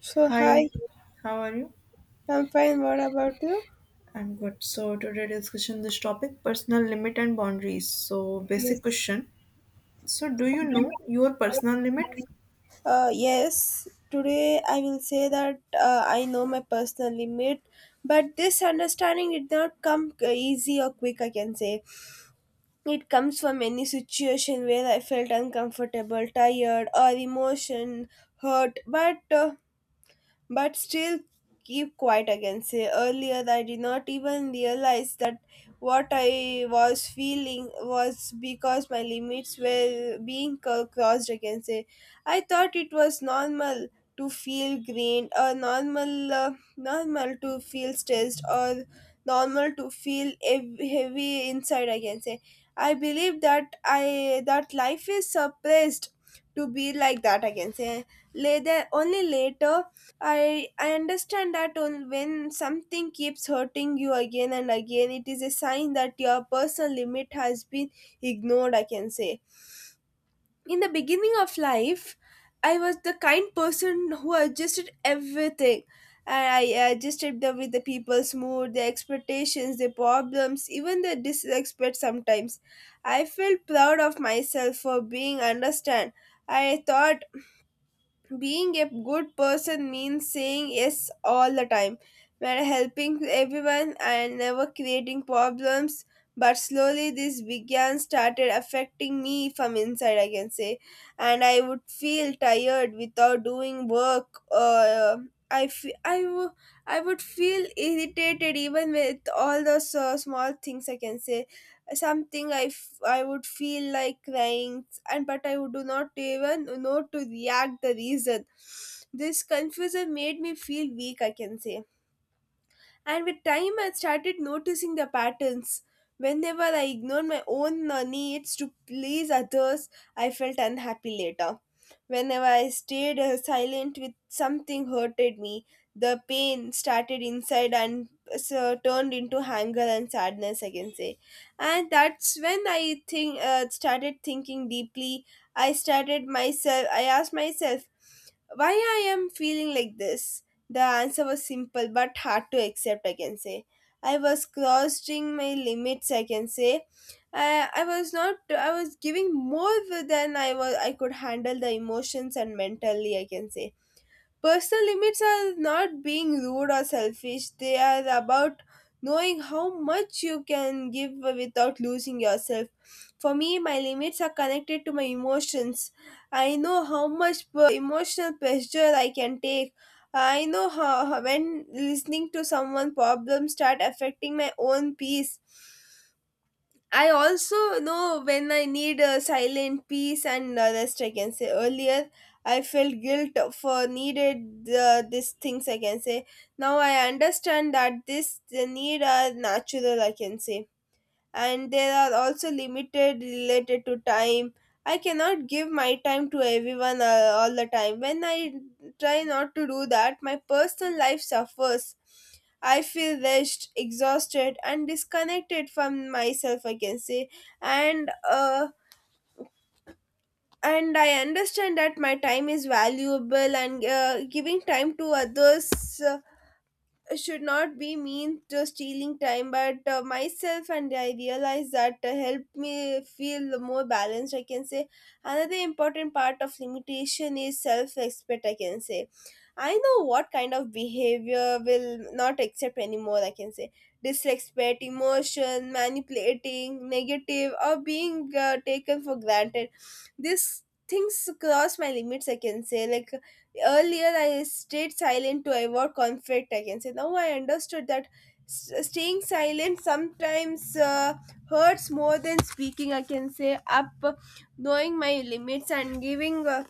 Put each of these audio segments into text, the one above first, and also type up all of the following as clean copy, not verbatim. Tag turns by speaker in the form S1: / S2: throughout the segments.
S1: So hi,
S2: Hi, how are you?
S1: I'm fine. What about you?
S2: I'm good. So today discussion this topic personal limit and boundaries. So basic
S1: Yes.
S2: question. So do you know your personal limit?
S1: Yes, today I will say that I know my personal limit, but this understanding did not come easy or quick. I can say it comes from any situation where I felt uncomfortable, tired, or emotion hurt, but. But still keep quiet again. Say earlier, I did not even realize that what I was feeling was because my limits were being crossed again. Say, I thought it was normal to feel green or normal, normal to feel stressed or normal to feel heavy inside again. Say, I believe that I that life is suppressed to be like that again. Say later, only later I understand that on when something keeps hurting you again and again, it is a sign that your personal limit has been ignored, I can say. In the beginning of life, I was the kind person who adjusted everything. I adjusted with the people's mood, their expectations, their problems, even their disrespect sometimes. I felt proud of myself for being understand. I thought being a good person means saying yes all the time. We're helping everyone and never creating problems. But slowly, this began started affecting me from inside, I can say, and I would feel tired without doing work. I fe- I wo- I would feel irritated even with all those small things. I can say something I would feel like crying and but I would do not even know to react the reason. This confusion made me feel weak, I can say. And with time, I started noticing the patterns. Whenever I ignored my own needs to please others, I felt unhappy later. Whenever I stayed silent with something hurted me, the pain started inside and so turned into anger and sadness, I can say. And that's when I think started thinking deeply. I started myself. I asked myself, why I am feeling like this the answer was simple but hard to accept, I can say. I was crossing my limits, I can say. I was not, I was giving more than I could handle the emotions and mentally, I can say. Personal limits are not being rude or selfish, they are about knowing how much you can give without losing yourself. For me, my limits are connected to my emotions. I know how much emotional pressure I can take. I know how when listening to someone problems start affecting my own peace. I also know when I need a silent peace and rest. I can say earlier I felt guilt for needed these things. I can say now I understand that this the need are natural. I can say and there are also limited related to time. I cannot give my time to everyone all the time. When I try not to do that, my personal life suffers. I feel rushed, exhausted, and disconnected from myself. I can say, and uh, and I understand that my time is valuable, and giving time to others. uh, should not be mean to stealing time but myself and I realize that helped me feel more balanced, I can say. Another important part of limitation is self respect, I can say. I know what kind of behavior will not accept anymore, I can say. Disrespect, emotion, manipulating, negative, or being taken for granted. These things cross my limits, I can say. Like earlier, I stayed silent to avoid conflict, I can say. Now I understood that staying silent sometimes hurts more than speaking, I can say. Up knowing my limits and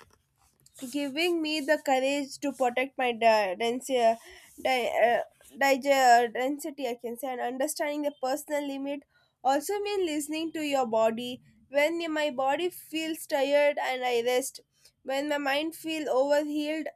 S1: giving me the courage to protect my density, di- uh, density, I can say, and understanding the personal limit also mean listening to your body. When my body feels tired and I rest, when my mind feels overhealed,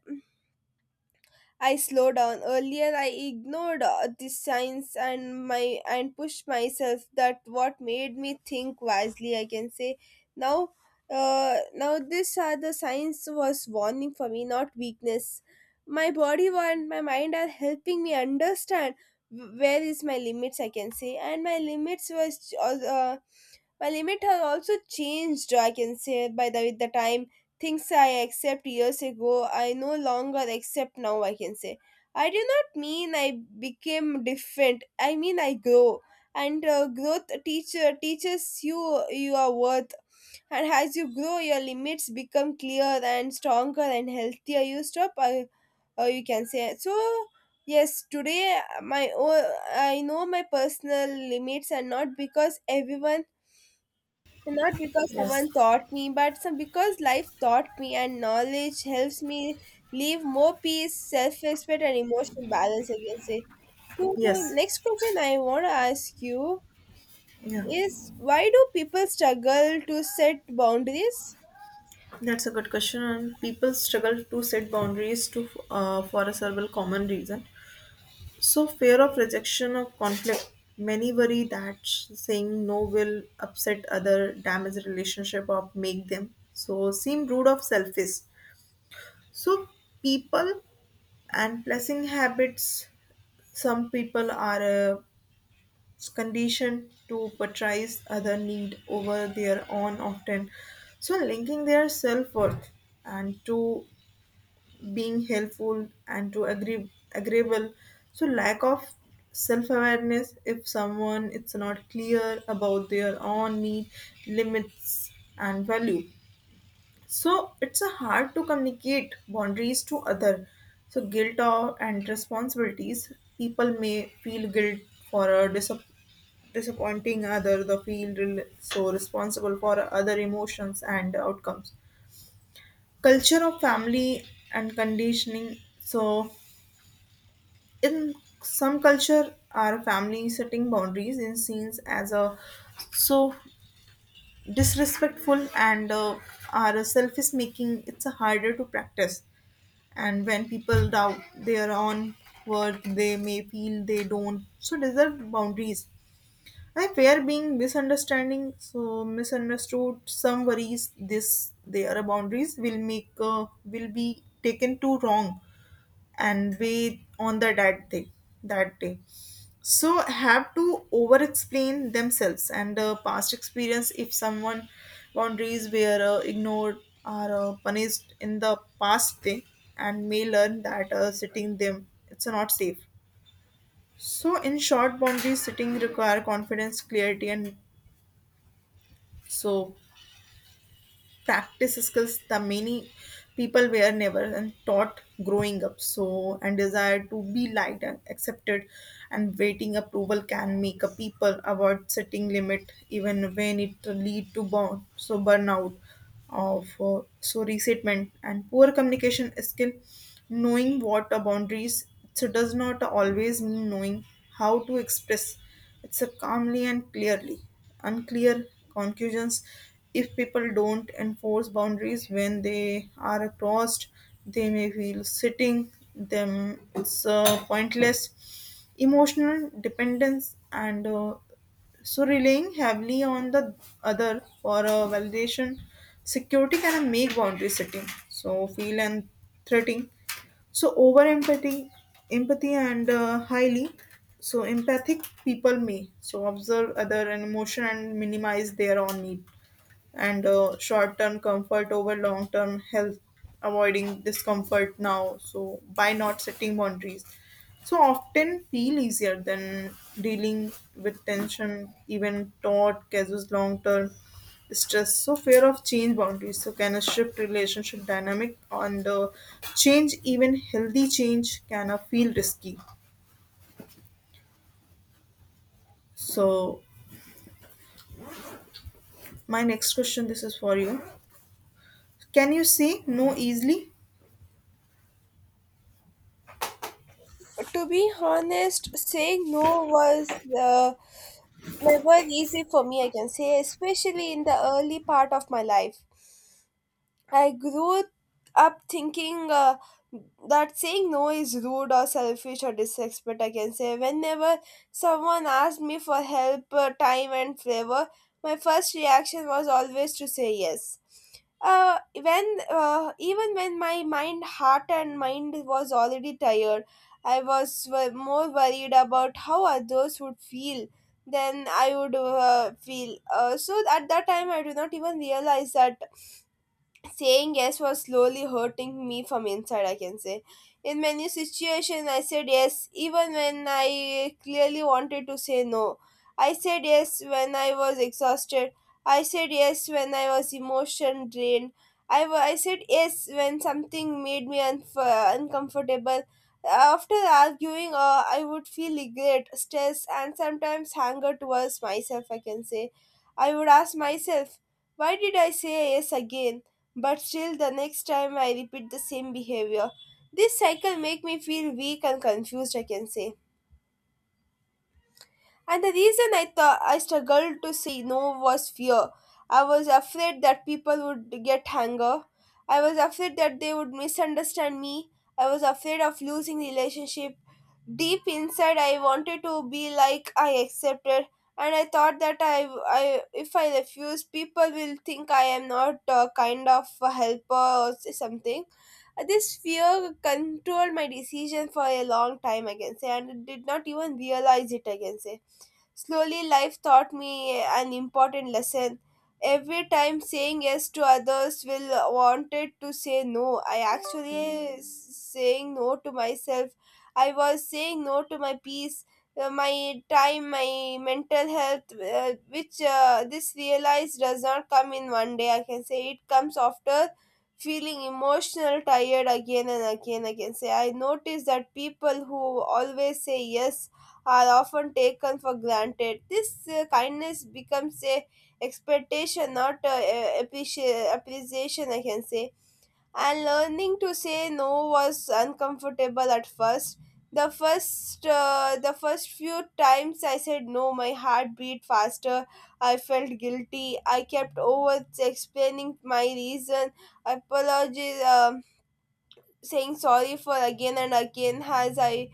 S1: I slow down. Earlier, I ignored the signs and my and pushed myself. That what made me think wisely. I can say now. Now these are the signs was warning for me, not weakness. My body and my mind are helping me understand where is my limits. I can say, and my limit has also changed, I can say, by the with the time. Things I accept years ago, I no longer accept now, I can say. I do not mean I became different. I mean I grow. And growth teacher teaches you your worth. And as you grow, your limits become clear and stronger and healthier. You stop, you can say. So, yes, today I know my personal limits, and not because
S2: Yes.
S1: someone taught me, but some because life taught me and knowledge helps me live more peace, self respect, and emotional balance, I can say. So,
S2: Yes.
S1: next question I want to ask you
S2: Yeah.
S1: is why do people struggle to set boundaries?
S2: That's a good question and people struggle to set boundaries to for a several common reason. So fear of rejection of conflict. Many worry that saying no will upset other, damage relationship or make them so seem rude or selfish. So people and blessing habits some people are conditioned to prioritize other need over their own often so linking their self-worth and to being helpful and to agreeable so lack of self-awareness if someone it's not clear about their own need limits and value so it's a hard to communicate boundaries to other. So guilt or and responsibilities. People may feel guilt for a disappointing other, the so responsible for other emotions and outcomes. Culture of family and conditioning. So in some culture, our family setting boundaries in scenes as a so disrespectful and our self is making it's a harder to practice and when people doubt their own worth they may feel they don't so deserve boundaries I fear being misunderstanding so misunderstood some worries this their boundaries will make will be taken too wrong and weigh on the that day so have to over explain themselves and past experience if someone boundaries were ignored or punished in the past day and may learn that setting them it's not safe so in short boundaries setting require confidence clarity and so practice skills that many people were never and taught growing up so and desire to be liked and accepted and waiting approval can make a people avoid setting limit even when it lead to burn so burnout of so resentment and poor communication skill knowing what are boundaries so does not always mean knowing how to express it's a calmly and clearly unclear conclusions. If people don't enforce boundaries when they are crossed, they may feel sitting them it's pointless emotional dependence and so relying heavily on the other for a validation security can make boundary setting so feel and threatening so over empathy empathy and highly so empathic people may so observe other and emotion and minimize their own need and short-term comfort over long-term health avoiding discomfort now so by not setting boundaries so often feel easier than dealing with tension even thought causes long-term stress so fear of change boundaries so can a shift relationship dynamic on the change even healthy change can feel risky so my next question this is for you can you say no easily
S1: To be honest, saying no was never easy for me, I can say, especially in the early part of my life. I grew up thinking that saying no is rude or selfish or disrespect. I can say whenever someone asked me for help, time, and favor, my first reaction was always to say yes. When Even when my mind, heart, and mind was already tired, I was more worried about how others would feel than I would feel. So at that time, I do not even realize that saying yes was slowly hurting me from inside, I can say. In many situations I said yes even when I clearly wanted to say no. I said yes when I was exhausted. I said yes when I was emotion drained. I said yes when something made me uncomfortable. After arguing, I would feel regret, stress, and sometimes anger towards myself, I can say. I would ask myself, why did I say yes again? But still the next time I repeat the same behavior. This cycle make me feel weak and confused, I can say. And the reason I thought I struggled to say no was fear. I was afraid that people would get anger. I was afraid that they would misunderstand me. I was afraid of losing relationship. Deep inside, I wanted to be like I accepted, and I thought that I if I refuse, people will think I am not kind of a helper or something. This fear controlled my decision for a long time, I can say, and I did not even realize it, I can say. Slowly, life taught me an important lesson. Every time saying yes to others will wanted to say no. I actually saying no to myself. I was saying no to my peace, my time, my mental health, which this realize does not come in one day. I can say it comes after feeling emotional tired again and again, I can say. I notice that people who always say yes are often taken for granted. This kindness becomes a expectation, not appreciation, I can say. And learning to say no was uncomfortable at first. The first few times I said no, my heart beat faster. I felt guilty. I kept over explaining my reason, apologies, saying sorry for again and again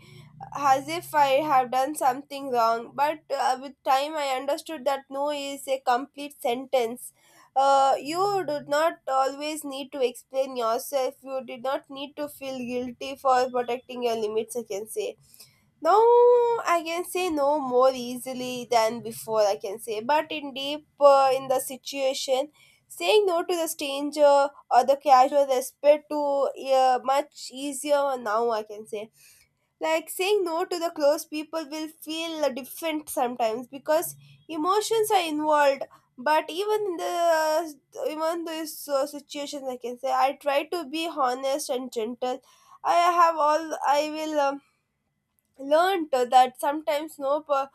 S1: as if I have done something wrong. But with time, I understood that no is a complete sentence. You did not always need to explain yourself. You did not need to feel guilty for protecting your limits, I can say. Now, I can say no more easily than before, I can say. But in deep, in the situation, saying no to the stranger or the casual respect to much easier now, I can say. Like saying no to the close people will feel different sometimes because emotions are involved, but even in the even those situations, I can say, I try to be honest and gentle. I have all I will Learn to that sometimes no po-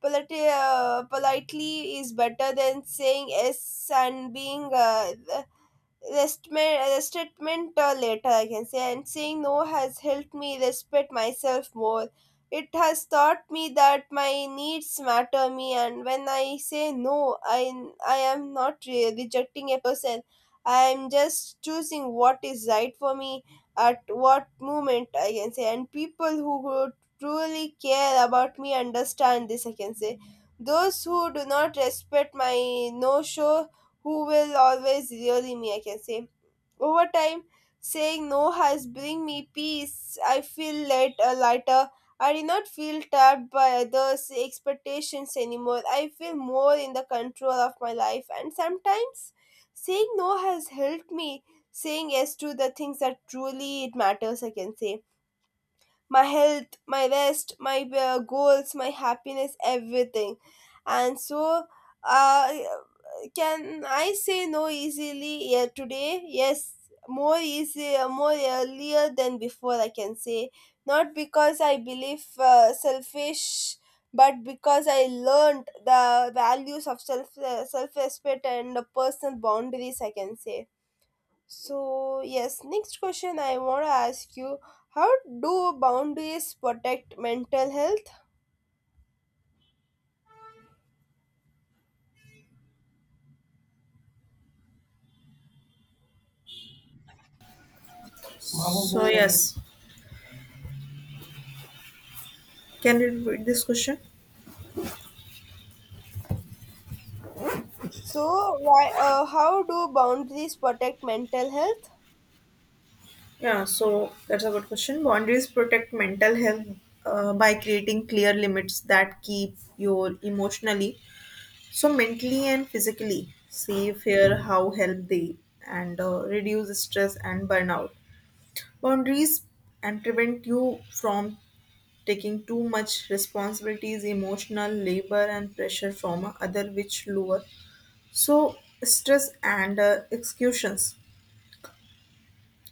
S1: polite, politely is better than saying yes and being Restment, restatement later, I can say, and saying no has helped me respect myself more. It has taught me that my needs matter me, and when I say no, I am not rejecting a person. I am just choosing what is right for me at what moment, I can say. And people who would truly care about me understand this, I can say. Those who do not respect my no show who will always really me, I can say. Over time, saying no has bring me peace. I feel lighter. I do not feel trapped by others' expectations anymore. I feel more in the control of my life. And sometimes saying no has helped me saying yes to the things that truly it matters, I can say. My health, my rest, my goals, my happiness, everything. And so, uh, can I say no easily, yeah, today? Yes, more easy, more earlier than before, I can say. Not because I believe selfish, but because I learned the values of self, self-respect and the personal boundaries, I can say. So, yes, next question I want to ask you. How do boundaries protect mental health?
S2: so yes. Can you repeat this question?
S1: So, why, how do boundaries protect mental health?
S2: Yeah, so that's a good question. Boundaries protect mental health by creating clear limits that keep your emotionally, so mentally and physically safe here, how help they and reduce stress and burnout. Boundaries and prevent you from taking too much responsibilities, emotional labor and pressure from other which lower. So stress and executions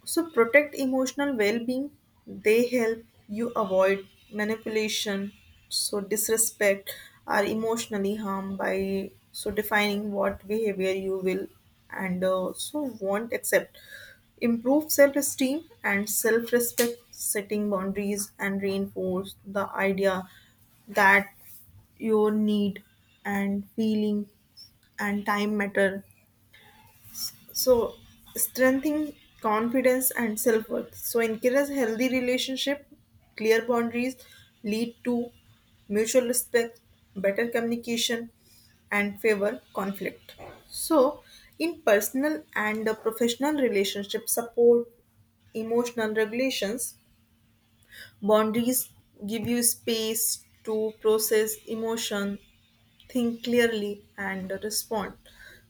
S2: so protect emotional well-being. They help you avoid manipulation, so disrespect, or emotionally harm by so defining what behavior you will and so won't accept. Improve self-esteem and self-respect, setting boundaries and reinforce the idea that your need and feeling and time matter so strengthening confidence and self-worth so encourage healthy relationship clear boundaries lead to mutual respect better communication and favor conflict so in personal and professional relationship support emotional regulations. Boundaries give you space to process emotion, think clearly, and respond.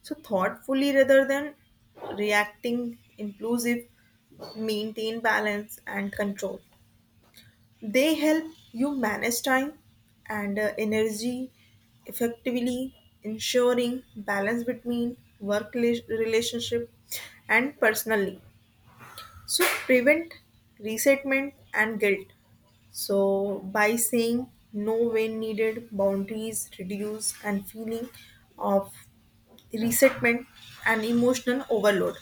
S2: So, thoughtfully rather than reacting, inclusive, maintain balance and control. They help you manage time and energy effectively, ensuring balance between work relationship and personally. So prevent resentment and guilt. So by saying no when needed, boundaries reduce and feeling of resentment and emotional overload.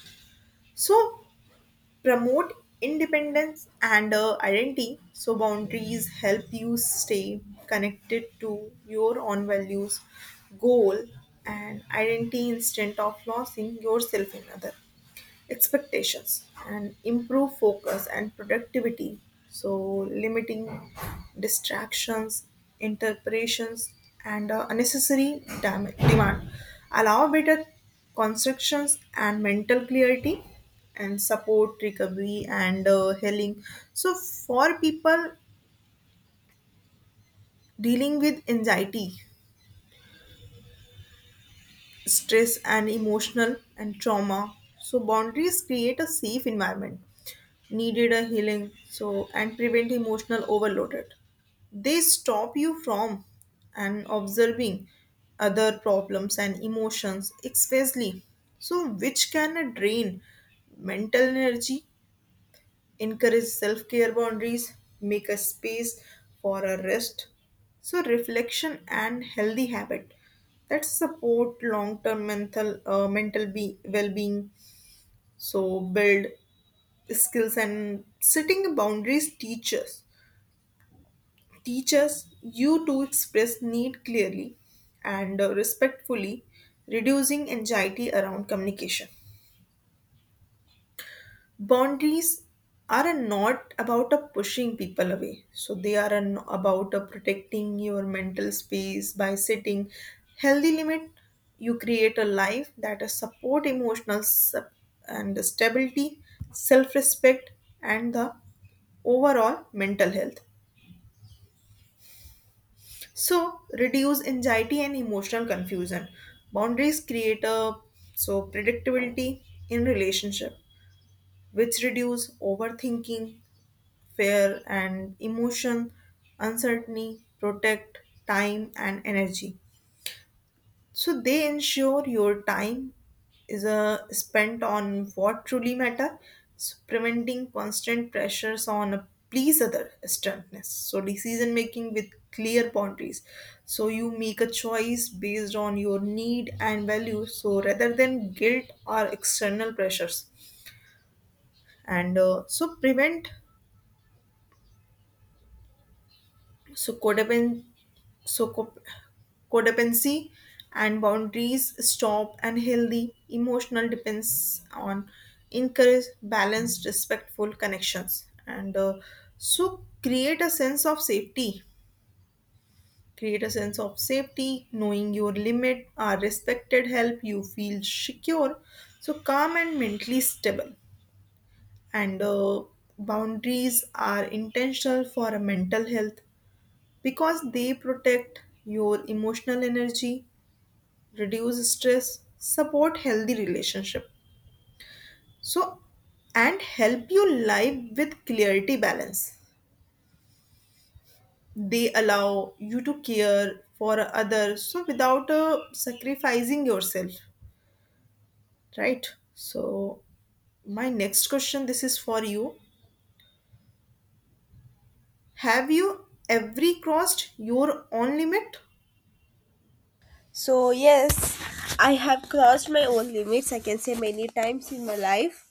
S2: So promote independence and identity. So boundaries help you stay connected to your own values, goal, and identity instead of losing yourself in other expectations and improve focus and productivity so limiting distractions interpretations and unnecessary demand allow better constructions and mental clarity and support recovery and healing so for people dealing with anxiety stress and emotional and trauma so boundaries create a safe environment needed a healing so and prevent emotional overloaded they stop you from and observing other problems and emotions especially so which can drain mental energy encourage self care boundaries, make a space for a rest. So, reflection and healthy habit that support long term mental, well being. So, build skills and setting boundaries teachers. Teachers you to express need clearly and respectfully, reducing anxiety around communication. Boundaries are a not about a pushing people away. So they are an, about a protecting your mental space by setting healthy limit. You create a life that is support emotional and stability, self-respect, and the overall mental health. So reduce anxiety and emotional confusion. Boundaries create a so predictability in relationship, which reduce overthinking fear and emotion, uncertainty, protect time and energy. So they ensure your time is spent on what truly matter, so preventing constant pressures on a please other strictness. So decision making with clear boundaries. So you make a choice based on your need and value. So rather than guilt or external pressures, and so prevent so so codependency and boundaries stop and healthy emotional depends on encourage balanced respectful connections and so create a sense of safety create a sense of safety knowing your limit are respected help you feel secure so calm and mentally stable and boundaries are intentional for a mental health because they protect your emotional energy reduce stress, support healthy relationship. So and help you live with clarity balance. They allow you to care for others so without sacrificing yourself, right? So my next question this is for you. Have you ever crossed your own limit?
S1: So, yes, I have crossed my own limits, I can say, many times in my life.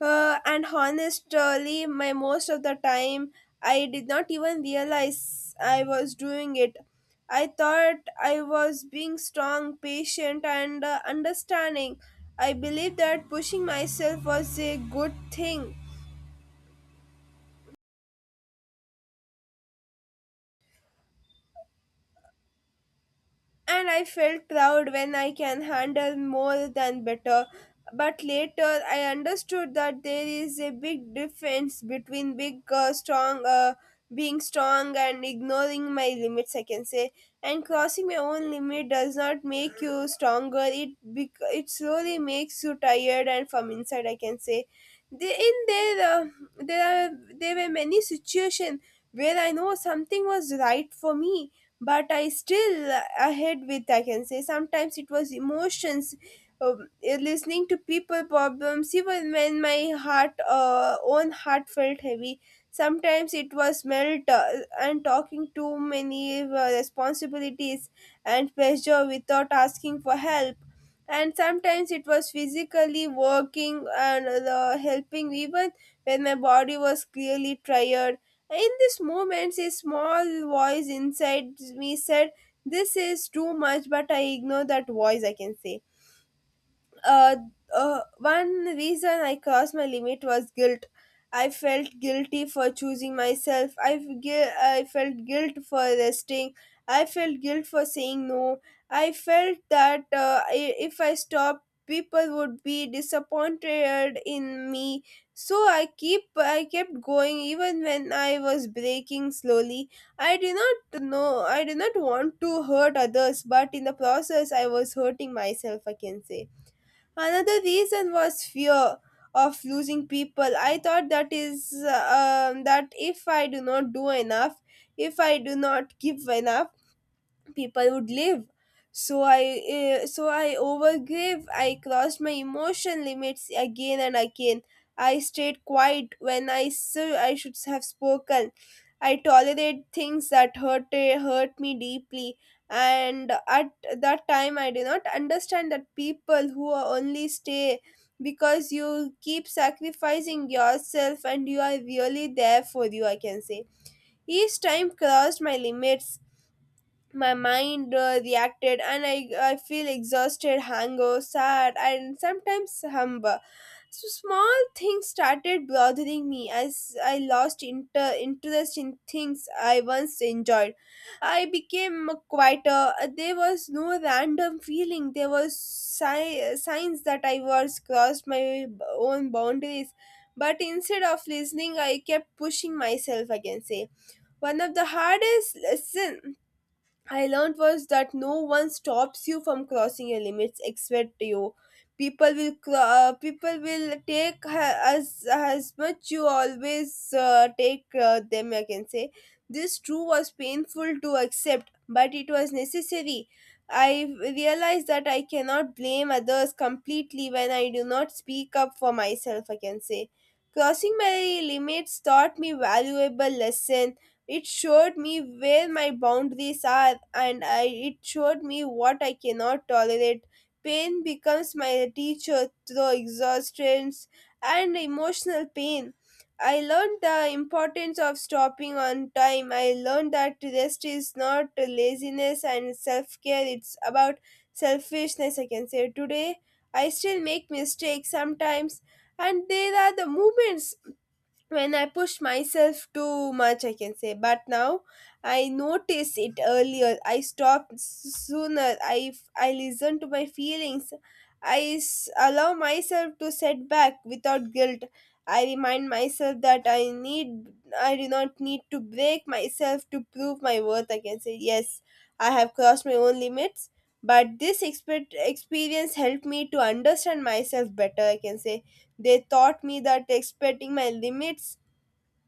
S1: And honestly, my most of the time, I did not even realize I was doing it. I thought I was being strong, patient, and understanding. I believed that pushing myself was a good thing, and I felt proud when I can handle more than better. But later, I understood that there is a big difference between big, being strong and ignoring my limits, I can say, and crossing my own limit does not make you stronger. It slowly makes you tired and from inside. I can say, they, in there, there are there were many situations where I know something was right for me, but I still ahead with, I can say. Sometimes it was emotions, listening to people problems even when my heart own heart felt heavy. Sometimes it was melt and talking too many responsibilities and pressure without asking for help, and sometimes it was physically working and the helping even when my body was clearly tired. In these moments a small voice inside me said this is too much, but I ignore that voice, I can say. uh, One reason I crossed my limit was guilt. I felt guilty for choosing myself. I felt guilt for resting. I felt guilt for saying no. I felt that I, if I stopped, people would be disappointed in me. So I kept going even when I was breaking slowly. I did not want to hurt others, but in the process I was hurting myself, I can say. Another reason was fear of losing people. I thought that is that if I do not do enough, if I do not give enough, people would live. So i uh, so i overgave. I crossed my emotion limits again and again. I stayed quiet when I should have spoken. I tolerate things that hurt me deeply, and at that time I did not understand that people who are only stay because you keep sacrificing yourself, and you are really there for you, I can say. Each time crossed my limits, my mind reacted, and I feel exhausted, hunger, sad, and sometimes humble. So small things started bothering me, as I lost interest in things I once enjoyed. I became quieter. There was no random feeling. There was signs that I was crossed my own boundaries, but instead of listening I kept pushing myself against it. One of the hardest lesson I learned was that no one stops you from crossing your limits except you. People will people will as much you always take them, I can say. This true was painful to accept, but it was necessary. I realized that I cannot blame others completely when I do not speak up for myself, I can say. Crossing my limits taught me valuable lesson. It showed me where my boundaries are, and it showed me what I cannot tolerate. Pain becomes my teacher through exhaustion and emotional pain. I learned the importance of stopping on time. I learned that rest is not laziness and self care, it's about selfishness, I can say. Today, I still make mistakes sometimes, and there are the moments when I pushed myself too much, I can say. But now I noticed it earlier. I stopped sooner. I listened to my feelings. I allow myself to set back without guilt. I remind myself that I do not need to break myself to prove my worth, I can say. Yes, I have crossed my own limits. But this experience helped me to understand myself better, I can say. They taught me that expecting my limits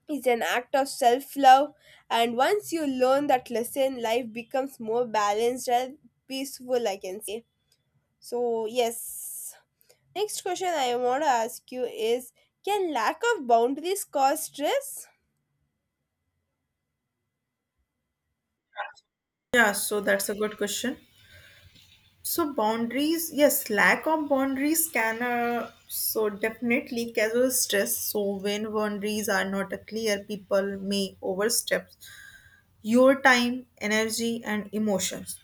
S1: is an act of self love, and once you learn that lesson, life becomes more balanced and peaceful, I can say. So, yes. Next question I want to ask you is, can lack of boundaries cause stress?
S2: Yeah, so that's a good question. So boundaries, yes, lack of boundaries can so definitely cause stress. So when boundaries are not clear, people may overstep your time, energy, and emotions.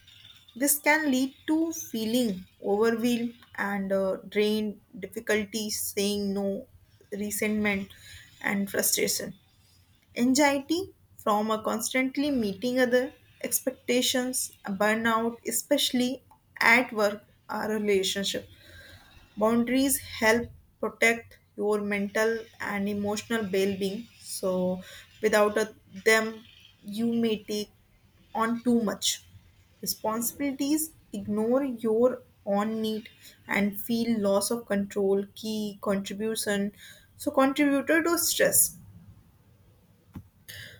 S2: This can lead to feeling overwhelmed and drained, difficulty saying no, resentment, and frustration anxiety from a constantly meeting other expectations, a burnout, especially at work or relationship. Boundaries help protect your mental and emotional well-being. So without a, them, you may take on too much responsibilities, ignore your own need, and feel loss of control, key contribution. So contributor to stress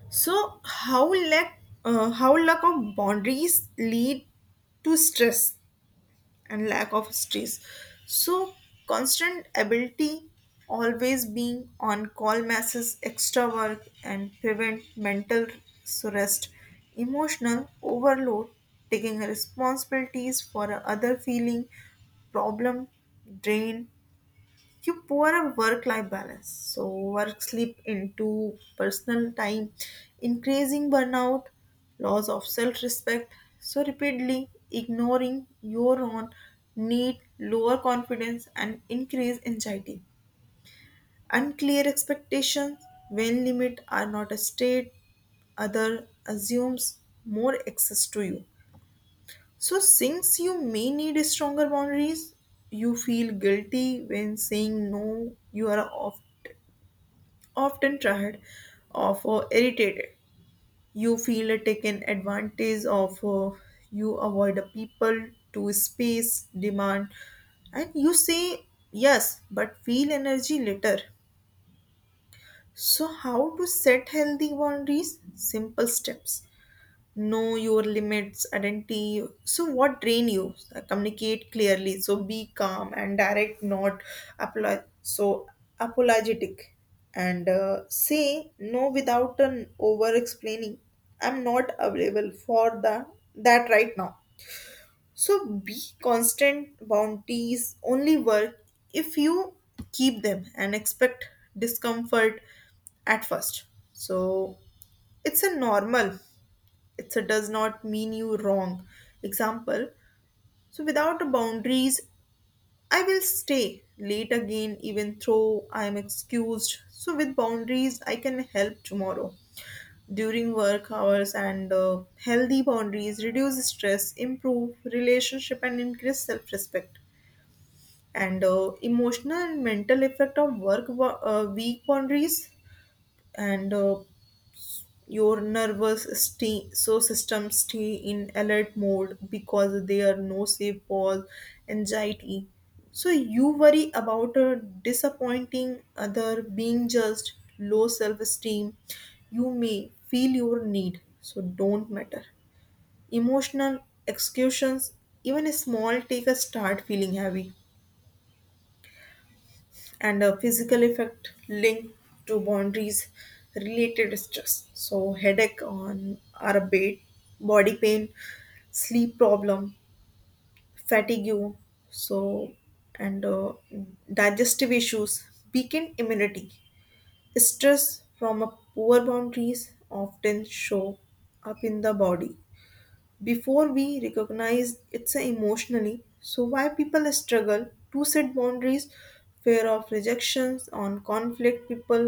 S2: so how lack of boundaries lead to stress and lack of stress. So constant ability always being on call masses extra work and prevent mental so rest emotional overload taking responsibilities for other feeling problem drain you pour a work-life balance. So work slip into personal time, increasing burnout, loss of self-respect. So repeatedly ignoring your own need, lower confidence and increase anxiety. Unclear expectations when limit are not a state, other assumes more access to you. So since you may need stronger boundaries, you feel guilty when saying no. You are off often tired of or irritated. You feel taken advantage of, you avoid the people to space demand, and you say yes but feel energy later. So, how to set healthy boundaries? Simple steps know your limits, identity. So, what drain you? Communicate clearly. So, be calm and direct, not so apologetic. And say no without an over explaining. I'm not available for the that right now. So, be constant. Bounties only work if you keep them and expect discomfort at first. So, it's a normal it's a does not mean you wrong example so without a boundaries I will stay late again even though I am excused so with boundaries I can help tomorrow during work hours and healthy boundaries reduce stress improve relationship and increase self-respect and emotional and mental effect of work weak boundaries and your nervous stay, so system stay in alert mode because there are no safe pause, anxiety. So you worry about a disappointing other, being judged, low self-esteem. You may feel your need, so don't matter. Emotional excuses, even a small take a start feeling heavy and a physical effect linked to boundaries related stress so headache on our bed body pain sleep problem fatigue so and digestive issues weakened immunity stress from a poor boundaries often show up in the body before we recognize it's a emotionally so why people struggle to set boundaries fear of rejections on conflict people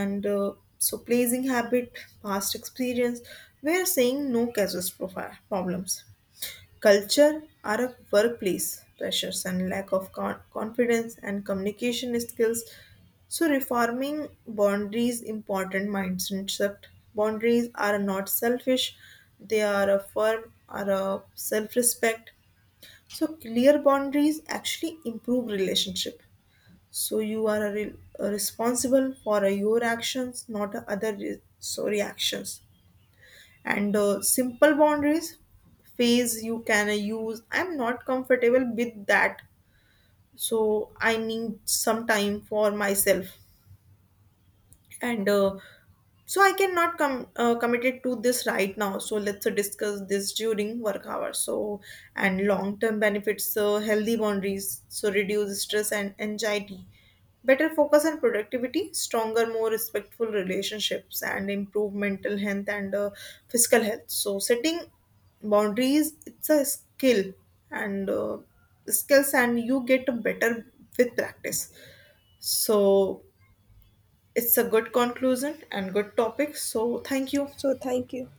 S2: and so pleasing habit past experience where saying no causes problems. Culture are a workplace pressures and lack of confidence and communication skills. So reforming boundaries important mindset. Boundaries are not selfish; they are a firm, are a self-respect. So clear boundaries actually improve relationship. So you are a a responsible for your actions, not other so reactions and simple boundaries phase you can use I'm not comfortable with that so I need some time for myself and so I cannot come committed to this right now. So let's discuss this during work hours. So and long term benefits, healthy boundaries, so reduce stress and anxiety, better focus on productivity, stronger, more respectful relationships, and improve mental health and physical health. So setting boundaries, it's a skill and skills, and you get better with practice. So it's a good conclusion and good topic so thank you.
S1: So, thank you.